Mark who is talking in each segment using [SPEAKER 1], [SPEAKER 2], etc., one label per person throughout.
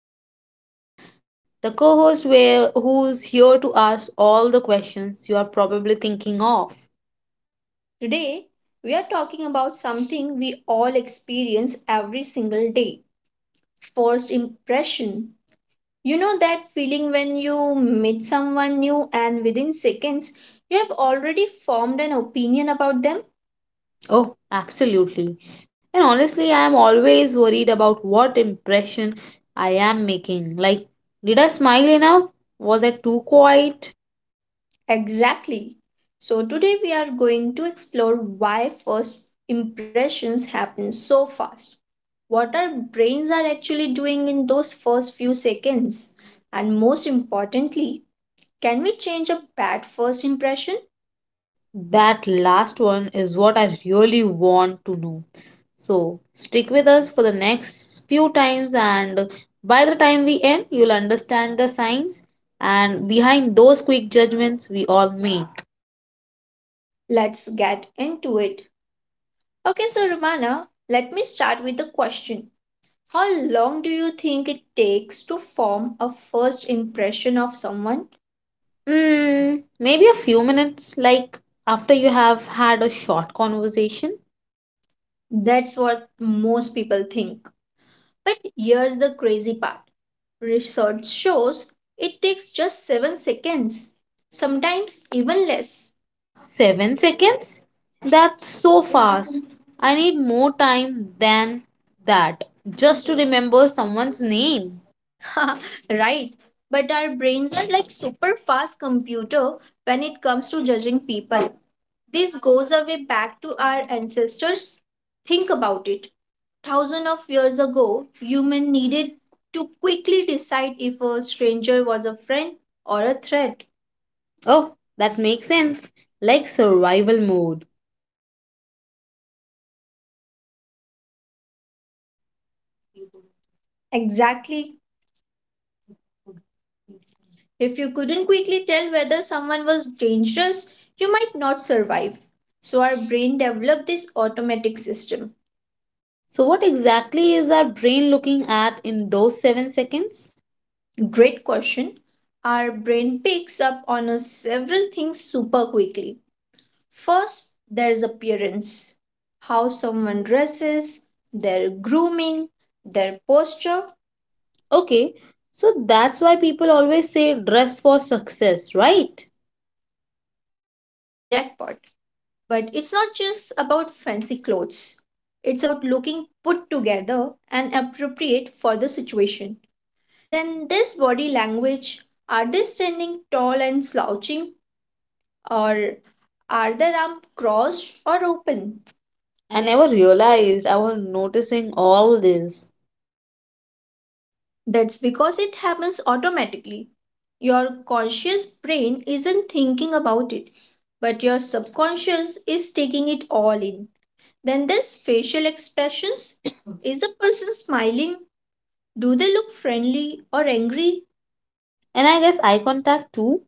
[SPEAKER 1] co host, Rumana, the co host who's here to ask all the questions you are probably thinking of.
[SPEAKER 2] Today, we are talking about something we all experience every single day, first impression. You know that feeling when you meet someone new and within seconds you have already formed an opinion about them?
[SPEAKER 1] Oh, absolutely. And honestly, I am always worried about what impression I am making. Like, did I smile enough? Was I too quiet?
[SPEAKER 2] Exactly. So today we are going to explore why first impressions happen so fast, what our brains are actually doing in those first few seconds, and most importantly, can we change a bad first impression?
[SPEAKER 1] That last one is what I really want to know. So stick with us for the next few times, and by the time we end, you'll understand the signs and behind those quick judgments we all make.
[SPEAKER 2] Let's get into it. Okay, so Ravana, let me start with the question. How long do you think it takes to form a first impression of someone?
[SPEAKER 1] Mm, maybe a few minutes, like after you have had a short conversation.
[SPEAKER 2] That's what most people think. But here's the crazy part, research shows it takes just 7 seconds, sometimes even less.
[SPEAKER 1] 7 seconds? That's so fast. I need more time than that just to remember someone's name.
[SPEAKER 2] Right? But our brains are like super fast computer when it comes to judging people. This goes away back to our ancestors. Think about it. Thousands of years ago, human needed to quickly decide if a stranger was a friend or a threat.
[SPEAKER 1] Oh, that makes sense. Like survival mode.
[SPEAKER 2] Exactly. If you couldn't quickly tell whether someone was dangerous, you might not survive. So, our brain developed this automatic system.
[SPEAKER 1] So, what exactly is our brain looking at in those 7 seconds?
[SPEAKER 2] Great question. Our brain picks up on a several things super quickly. First, there's appearance, how someone dresses, their grooming, their posture,
[SPEAKER 1] Okay, so that's why people always say dress for success, right?
[SPEAKER 2] jackpot. But it's not just about fancy clothes, it's about looking put together and appropriate for the situation. Then there's body language. Are they standing tall and slouching, or are their arms crossed or open?
[SPEAKER 1] I never realized I was noticing all this.
[SPEAKER 2] That's because it happens automatically. Your conscious brain isn't thinking about it, but your subconscious is taking it all in. Then there's facial expressions. Is the person smiling? Do they look friendly or angry?
[SPEAKER 1] And I guess eye contact too.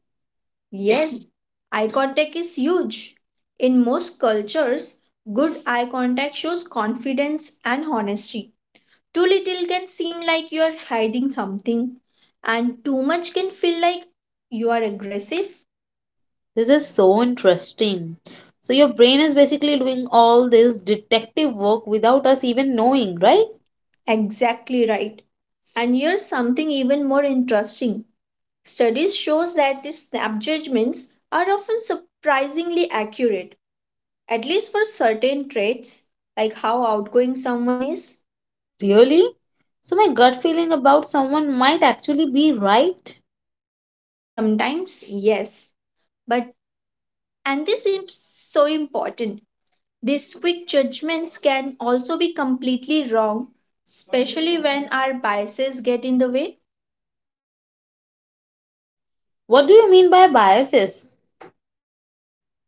[SPEAKER 2] Yes, eye contact is huge. In most cultures, good eye contact shows confidence and honesty. Too little can seem like you are hiding something, and too much can feel like you are aggressive.
[SPEAKER 1] This is so interesting. So, your brain is basically doing all this detective work without us even knowing, right?
[SPEAKER 2] Exactly right. And here's something even more interesting. Studies shows that these snap judgments are often surprisingly accurate, at least for certain traits, like how outgoing someone is.
[SPEAKER 1] Really? So, my gut feeling about someone might actually be right.
[SPEAKER 2] Sometimes, yes, but, and this is so important, these quick judgments can also be completely wrong, especially when our biases get in the way.
[SPEAKER 1] What do you mean by biases?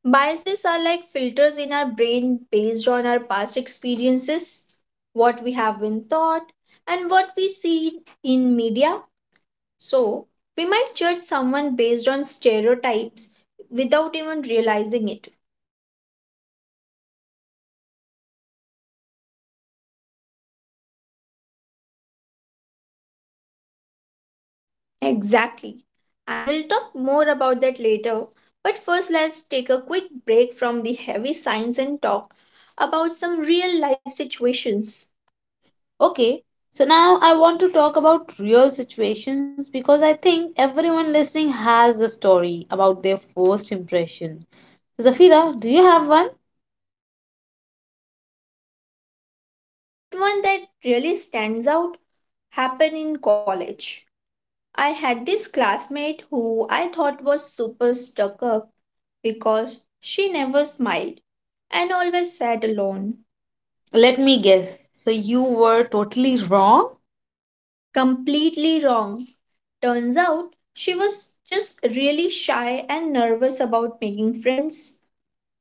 [SPEAKER 2] Biases are like filters in our brain based on our past experiences, what we have been taught, and what we see in media. So we might judge someone based on stereotypes without even realizing it.
[SPEAKER 1] Oh, so we need to be careful not to let our first impression be our final impression.
[SPEAKER 2] Exactly. And we'll talk more about that later. But first, let's take a quick break from the heavy science and talk about some real life situations.
[SPEAKER 1] Okay, so now I want to talk about real situations because I think everyone listening has a story about their first impression. So, Zafira, do you have one?
[SPEAKER 2] Oh, I have severals. But one that really stands out happened in college. I had this classmate who I thought was super stuck up because she never smiled and always sat alone.
[SPEAKER 1] Let me guess. So, you were totally wrong?
[SPEAKER 2] Completely wrong. Turns out she was just really shy and nervous about making friends.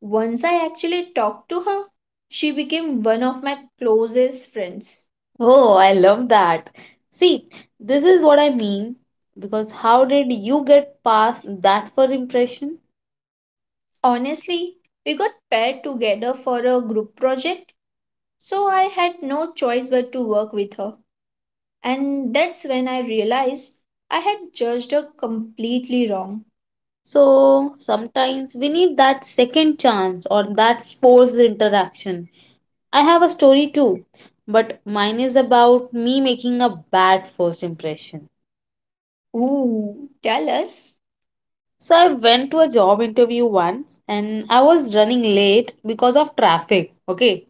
[SPEAKER 2] Once I actually talked to her, she became one of my closest friends.
[SPEAKER 1] Oh, I love that. See, this is what I mean, because how did you get past that first impression?
[SPEAKER 2] Honestly, we got paired together for a group project, so I had no choice but to work with her. And that's when I realized I had judged her completely wrong.
[SPEAKER 1] So sometimes we need that second chance or that forced interaction. I have a story too, but mine is about me making a bad first impression.
[SPEAKER 2] Ooh, tell us.
[SPEAKER 1] So I went to a job interview once and I was running late because of traffic. Okay,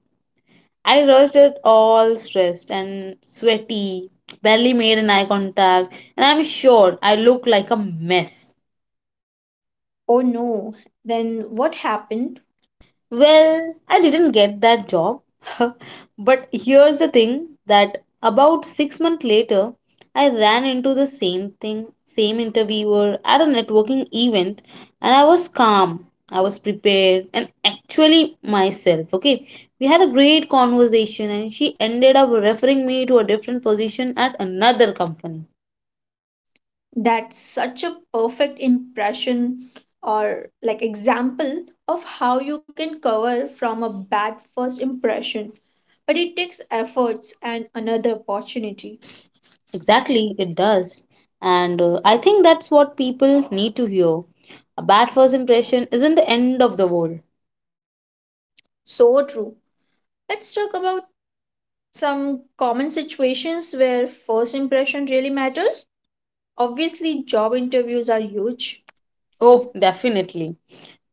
[SPEAKER 1] I rushed it all stressed and sweaty, barely made an eye contact, and I'm sure I looked like a mess.
[SPEAKER 2] Oh no, then what happened?
[SPEAKER 1] Well, I didn't get that job. But here's the thing, that about 6 months later, I ran into the same thing, same interviewer at a networking event, and I was calm, I was prepared, and actually myself. Okay, we had a great conversation, and she ended up referring me to a different position at another company.
[SPEAKER 2] That's such a perfect impression, or like example of how you can cover from a bad first impression. But it takes efforts and another opportunity.
[SPEAKER 1] Exactly, it does. And I think that's what people need to hear. A bad first impression isn't the end of the world.
[SPEAKER 2] So true. Let's talk about some common situations where first impression really matters. Obviously, job interviews are huge. Oh,
[SPEAKER 1] Oh, definitely.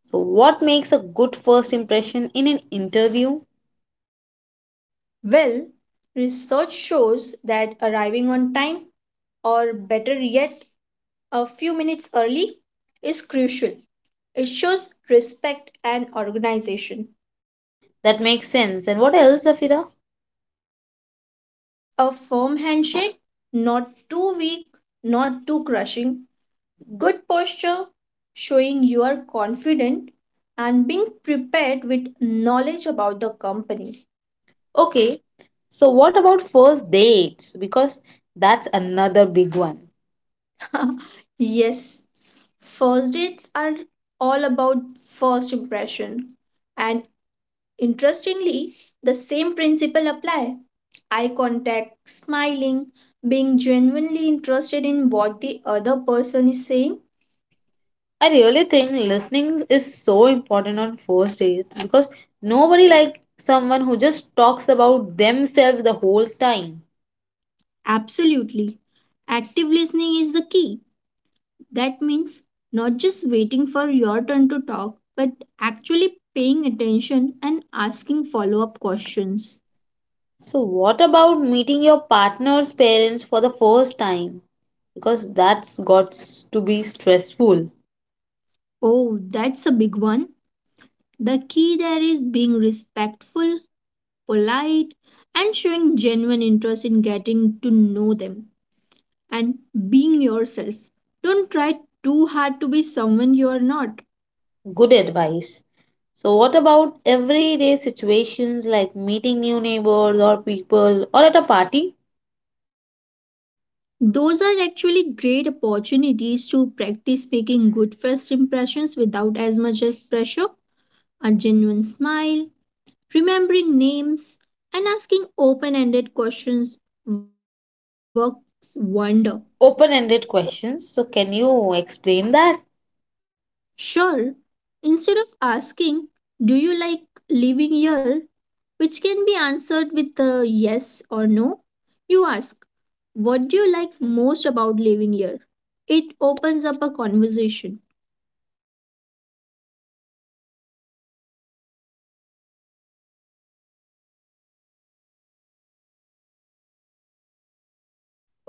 [SPEAKER 1] So, what makes a good first impression in an interview?
[SPEAKER 2] well, research shows that arriving on time, or better yet, a few minutes early is crucial. It shows respect and organization.
[SPEAKER 1] That makes sense. And what else, Zafira?
[SPEAKER 2] A firm handshake, not too weak, not too crushing. Good posture, showing you are confident and being prepared with knowledge about the company.
[SPEAKER 1] Okay, so what about first dates? Because that's another big one.
[SPEAKER 2] Yes, first dates are all about first impression. And interestingly, the same principle apply. Eye contact, smiling, being genuinely interested in what the other person is saying.
[SPEAKER 1] I really think listening is so important on first dates because nobody likes someone who just talks about themselves the whole time.
[SPEAKER 2] Absolutely. Active listening is the key. That means not just waiting for your turn to talk, but actually paying attention and asking follow up questions.
[SPEAKER 1] So, what about meeting your partner's parents for the first time? Because that's got to be stressful.
[SPEAKER 2] Oh, that's a big one. The key there is being respectful, polite, and showing genuine interest in getting to know them. And being yourself. Don't try too hard to be someone you are not.
[SPEAKER 1] Good advice. So, what about everyday situations like meeting new neighbors or people or at a party?
[SPEAKER 2] Those are actually great opportunities to practice making good first impressions without as much as pressure. A genuine smile, remembering names, and asking open ended questions works wonder.
[SPEAKER 1] Open ended questions. So, can you explain that?
[SPEAKER 2] Sure, instead of asking, "Do you like living here?" which can be answered with a yes or no. You ask, "What do you like most about living here?" It opens up a conversation.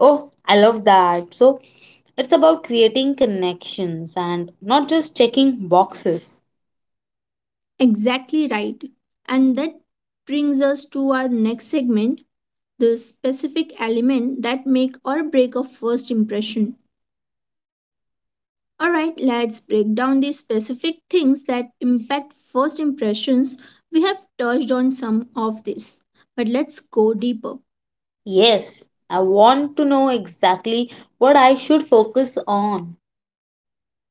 [SPEAKER 1] Oh, I love that. So, it's about creating connections and not just checking boxes.
[SPEAKER 2] Exactly right. And that brings us to our next segment, the specific element that make or break a first impression. Alright, let's break down the specific things that impact first impressions. We have touched on some of this, but let's go deeper.
[SPEAKER 1] Yes, I want to know exactly what I should focus on.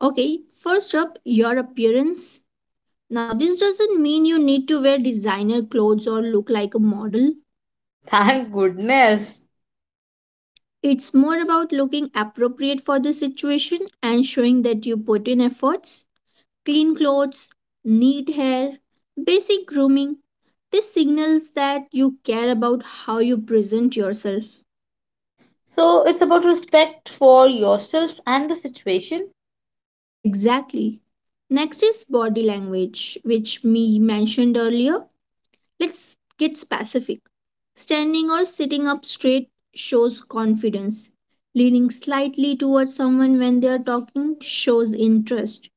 [SPEAKER 2] Okay, first up, your appearance. Now, this doesn't mean you need to wear designer clothes or look like a model.
[SPEAKER 1] Thank goodness.
[SPEAKER 2] It's more about looking appropriate for the situation and showing that you put in efforts. Clean clothes, neat hair, basic grooming. This signals that you care about how you present yourself.
[SPEAKER 1] So it's about respect for yourself and the situation.
[SPEAKER 2] Exactly. Next is body language, which me mentioned earlier. Let's get specific. Standing or sitting up straight shows confidence. Leaning slightly towards someone when they are talking shows interest.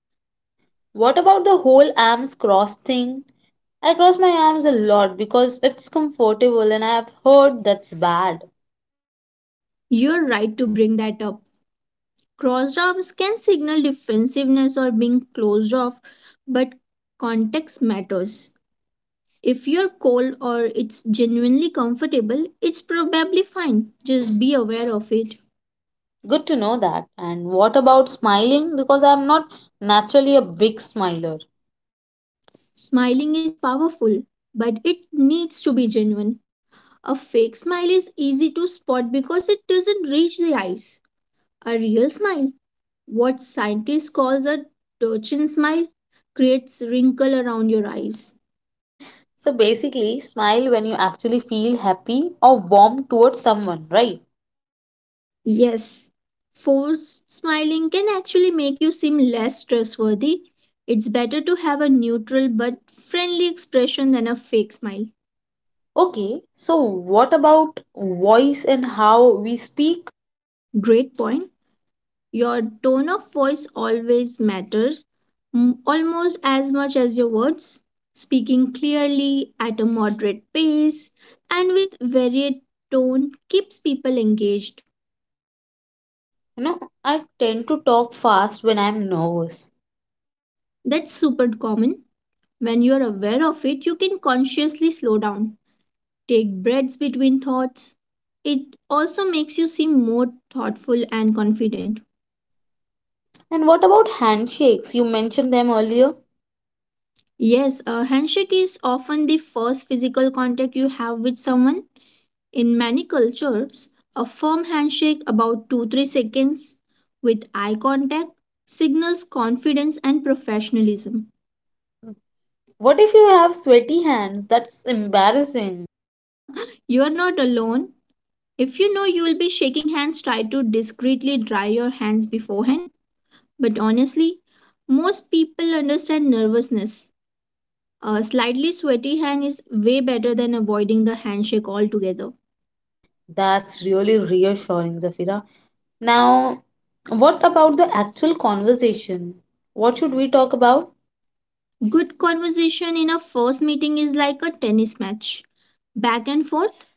[SPEAKER 1] What about the whole arms cross thing? I cross my arms a lot because it's comfortable and I've heard that's bad.
[SPEAKER 2] You're right to bring that up. Crossed arms can signal defensiveness or being closed off, but context matters. If you're cold or it's genuinely comfortable, it's probably fine. Just be aware of it.
[SPEAKER 1] Good to know that. And what about smiling? Because I'm not naturally a big smiler.
[SPEAKER 2] Smiling is powerful, but it needs to be genuine. A fake smile is easy to spot because it doesn't reach the eyes. A real smile, what scientists calls a Turchin smile, creates wrinkle around your eyes.
[SPEAKER 1] So basically, smile when you actually feel happy or warm towards someone, right?
[SPEAKER 2] Yes, forced smiling can actually make you seem less trustworthy. It's better to have a neutral but friendly expression than a fake smile.
[SPEAKER 1] Okay, so what about voice and how we speak?
[SPEAKER 2] Great point. Your tone of voice always matters, almost as much as your words. Speaking clearly, at a moderate pace, and with varied tone keeps people engaged.
[SPEAKER 1] You know, I tend to talk fast when I'm nervous.
[SPEAKER 2] That's super common. When you're aware of it, you can consciously slow down, take breaths between thoughts. It also makes you seem more thoughtful and confident.
[SPEAKER 1] And what about handshakes? You mentioned them earlier.
[SPEAKER 2] Yes, a handshake is often the first physical contact you have with someone. In many cultures, a firm handshake about 2 3 seconds with eye contact signals confidence and professionalism.
[SPEAKER 1] What if you have sweaty hands? That's embarrassing.
[SPEAKER 2] You're not alone. If you know you'll be shaking hands, try to discreetly dry your hands beforehand. But honestly, most people understand nervousness. A slightly sweaty hand is way better than avoiding the handshake altogether.
[SPEAKER 1] That's really reassuring, Zafira. Now, what about the actual conversation? What should we talk about?
[SPEAKER 2] Good conversation in a first meeting is like a tennis match, back and forth.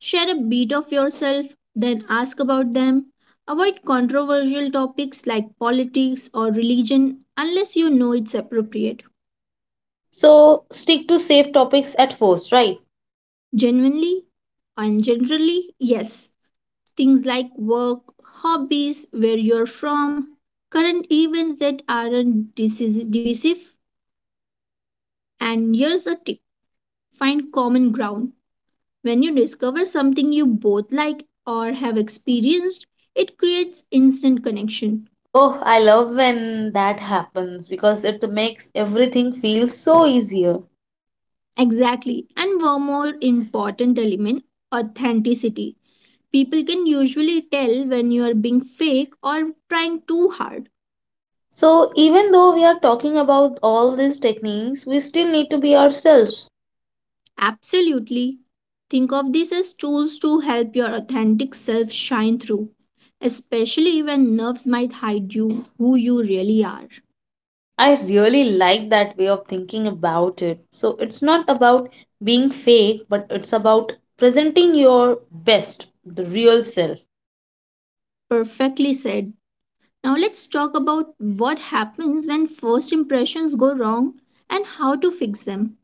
[SPEAKER 2] Share a bit of yourself, then ask about them. Avoid controversial topics like politics or religion unless you know it's appropriate.
[SPEAKER 1] So, stick to safe topics at first, right?
[SPEAKER 2] Genuinely and generally, yes. Things like work, hobbies, where you're from, current events that aren't disis- divisive. And here's a tip, find common ground. When you discover something you both like or have experienced, it creates instant connection.
[SPEAKER 1] Oh, I love when that happens because it makes everything feel so easier.
[SPEAKER 2] Exactly. And one more important element, authenticity. People can usually tell when you are being fake or trying too hard.
[SPEAKER 1] So, even though we are talking about all these techniques, we still need to be ourselves.
[SPEAKER 2] Absolutely. Think of this as tools to help your authentic self shine through, especially when nerves might hide you who you really are.
[SPEAKER 1] I really like that way of thinking about it. So, it's not about being fake, but it's about presenting your best, the real self.
[SPEAKER 2] Perfectly said. Now let's talk about what happens when first impressions go wrong and how to fix them.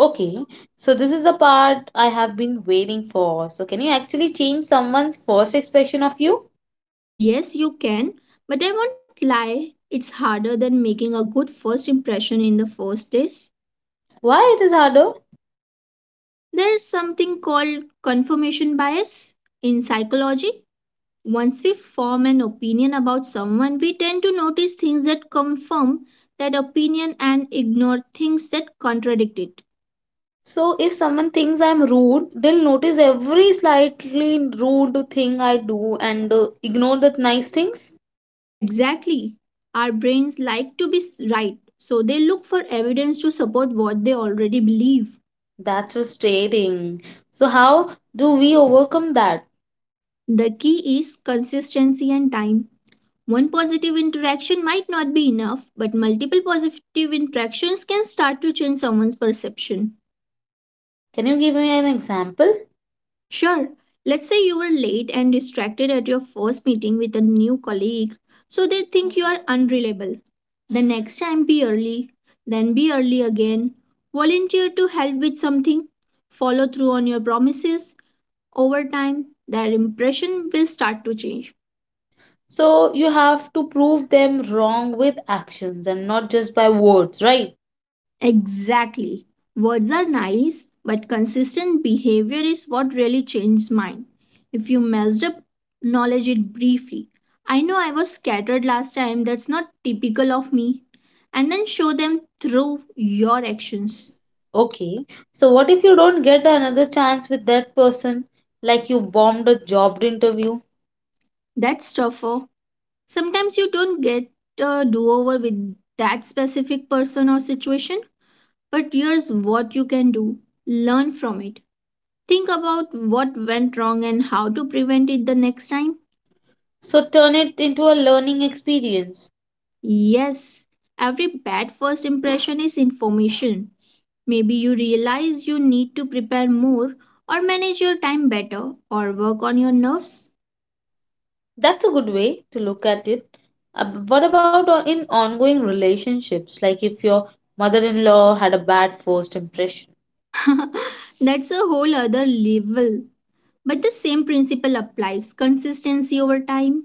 [SPEAKER 1] Okay, so this is the part I have been waiting for. So, can you actually change someone's first expression of you?
[SPEAKER 2] Yes, you can, but I won't lie, it's harder than making a good first impression in the first place.
[SPEAKER 1] Why it is harder?
[SPEAKER 2] There is something called confirmation bias in psychology. Once we form an opinion about someone, we tend to notice things that confirm that opinion and ignore things that contradict it.
[SPEAKER 1] So if someone thinks I'm rude, they'll notice every slightly rude thing I do and ignore the nice things.
[SPEAKER 2] Exactly. Our brains like to be s- right, so they look for evidence to support what they already believe.
[SPEAKER 1] That's frustrating. So how do we overcome that?
[SPEAKER 2] The key is consistency and time. One positive interaction might not be enough, but multiple positive interactions can start to change someone's perception.
[SPEAKER 1] Can you give me an example?
[SPEAKER 2] Sure, let's say you were late and distracted at your first meeting with a new colleague, so they think you are unreliable. The next time, be early, then be early again. Volunteer to help with something, follow through on your promises. Over time, their impression will start to change.
[SPEAKER 1] So you have to prove them wrong with actions and not just by words, right?
[SPEAKER 2] Exactly. Words are nice, but consistent behavior is what really changed mine. If you messed up, acknowledge it briefly. I know I was scattered last time, that's not typical of me. And then show them through your actions.
[SPEAKER 1] S- Okay. So what if you don't get another chance with that person? Like you bombed a job interview.
[SPEAKER 2] That's tougher. Sometimes you don't get a do over with that specific person or situation, but here's what you can do, learn from it. Think about what went wrong and how to prevent it the next time.
[SPEAKER 1] So turn it into a learning experience.
[SPEAKER 2] Yes, every bad first impression is information. Maybe you realize you need to prepare more, or manage your time better, or work on your nerves.
[SPEAKER 1] That's a good way to look at it. But what about in ongoing relationships? Like if your mother in law had a bad first impression.
[SPEAKER 2] That's a whole other level. But the same principle applies consistency over time.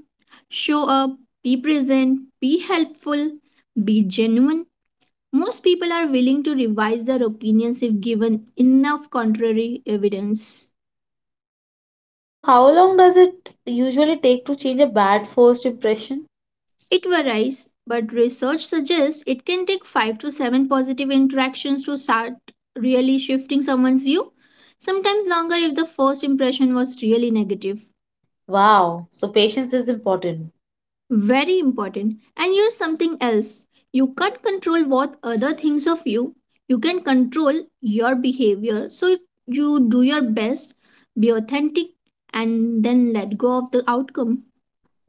[SPEAKER 2] Show up, be present, be helpful, be genuine. Most people are willing to revise their opinions if given enough contrary evidence.
[SPEAKER 1] So, how long does it usually take to change a bad first impression?
[SPEAKER 2] It varies, but research suggests it can take 5 to 7 positive interactions to start really shifting someone's view, sometimes longer if the first impression was really negative.
[SPEAKER 1] Wow, so patience is important.
[SPEAKER 2] Very important. And here's something else, you can't control what other thinks of you, you can control your behavior. So if you do your best, be authentic, and then let go of the outcome.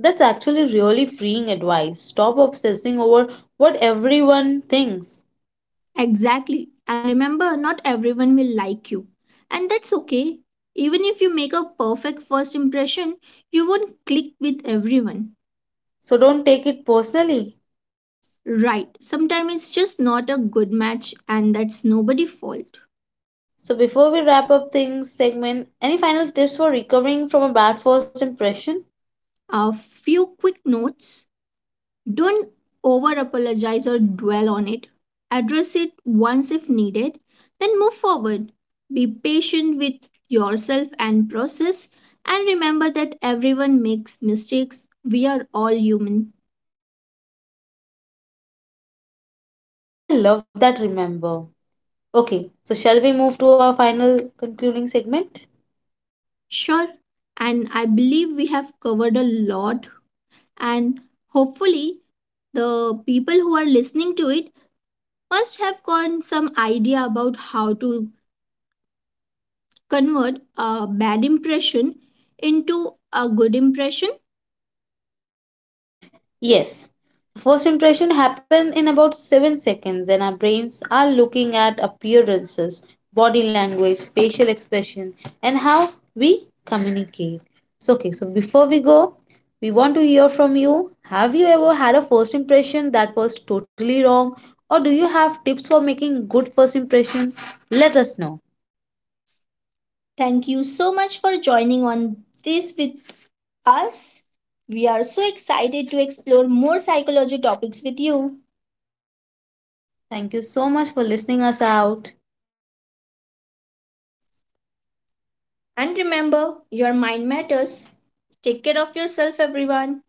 [SPEAKER 1] That's actually really freeing advice. Stop obsessing over what everyone thinks.
[SPEAKER 2] Exactly. And remember, not everyone will like you. And that's okay. Even if you make a perfect first impression, you won't click with everyone.
[SPEAKER 1] So, don't take it personally.
[SPEAKER 2] Right. Sometimes it's just not a good match, and that's nobody's fault.
[SPEAKER 1] So, before we wrap up things segment, any final tips for recovering from a bad first impression?
[SPEAKER 2] A few quick notes. Don't over apologize or dwell on it. Address it once if needed, then move forward. Be patient with yourself and process, and remember that everyone makes mistakes. We are all human.
[SPEAKER 1] I love that remember. Okay, so shall we move to our final concluding segment?
[SPEAKER 2] Sure, and I believe we have covered a lot, and hopefully, the people who are listening to it must have gotten some idea about how to convert a bad impression into a good impression.
[SPEAKER 1] Yes. So first impression happen in about 7 seconds and our brains are looking at appearances, body language, facial expression and how we communicate. So okay, so before we go, we want to hear from you. Have you ever had a first impression that was totally wrong or do you have tips for making good first impression? Let us know.
[SPEAKER 2] Thank you so much for joining on this with us. We are so excited to explore more psychology topics with you.
[SPEAKER 1] Thank you so much for listening us out.
[SPEAKER 2] And remember, your mind matters. Take care of yourself, everyone.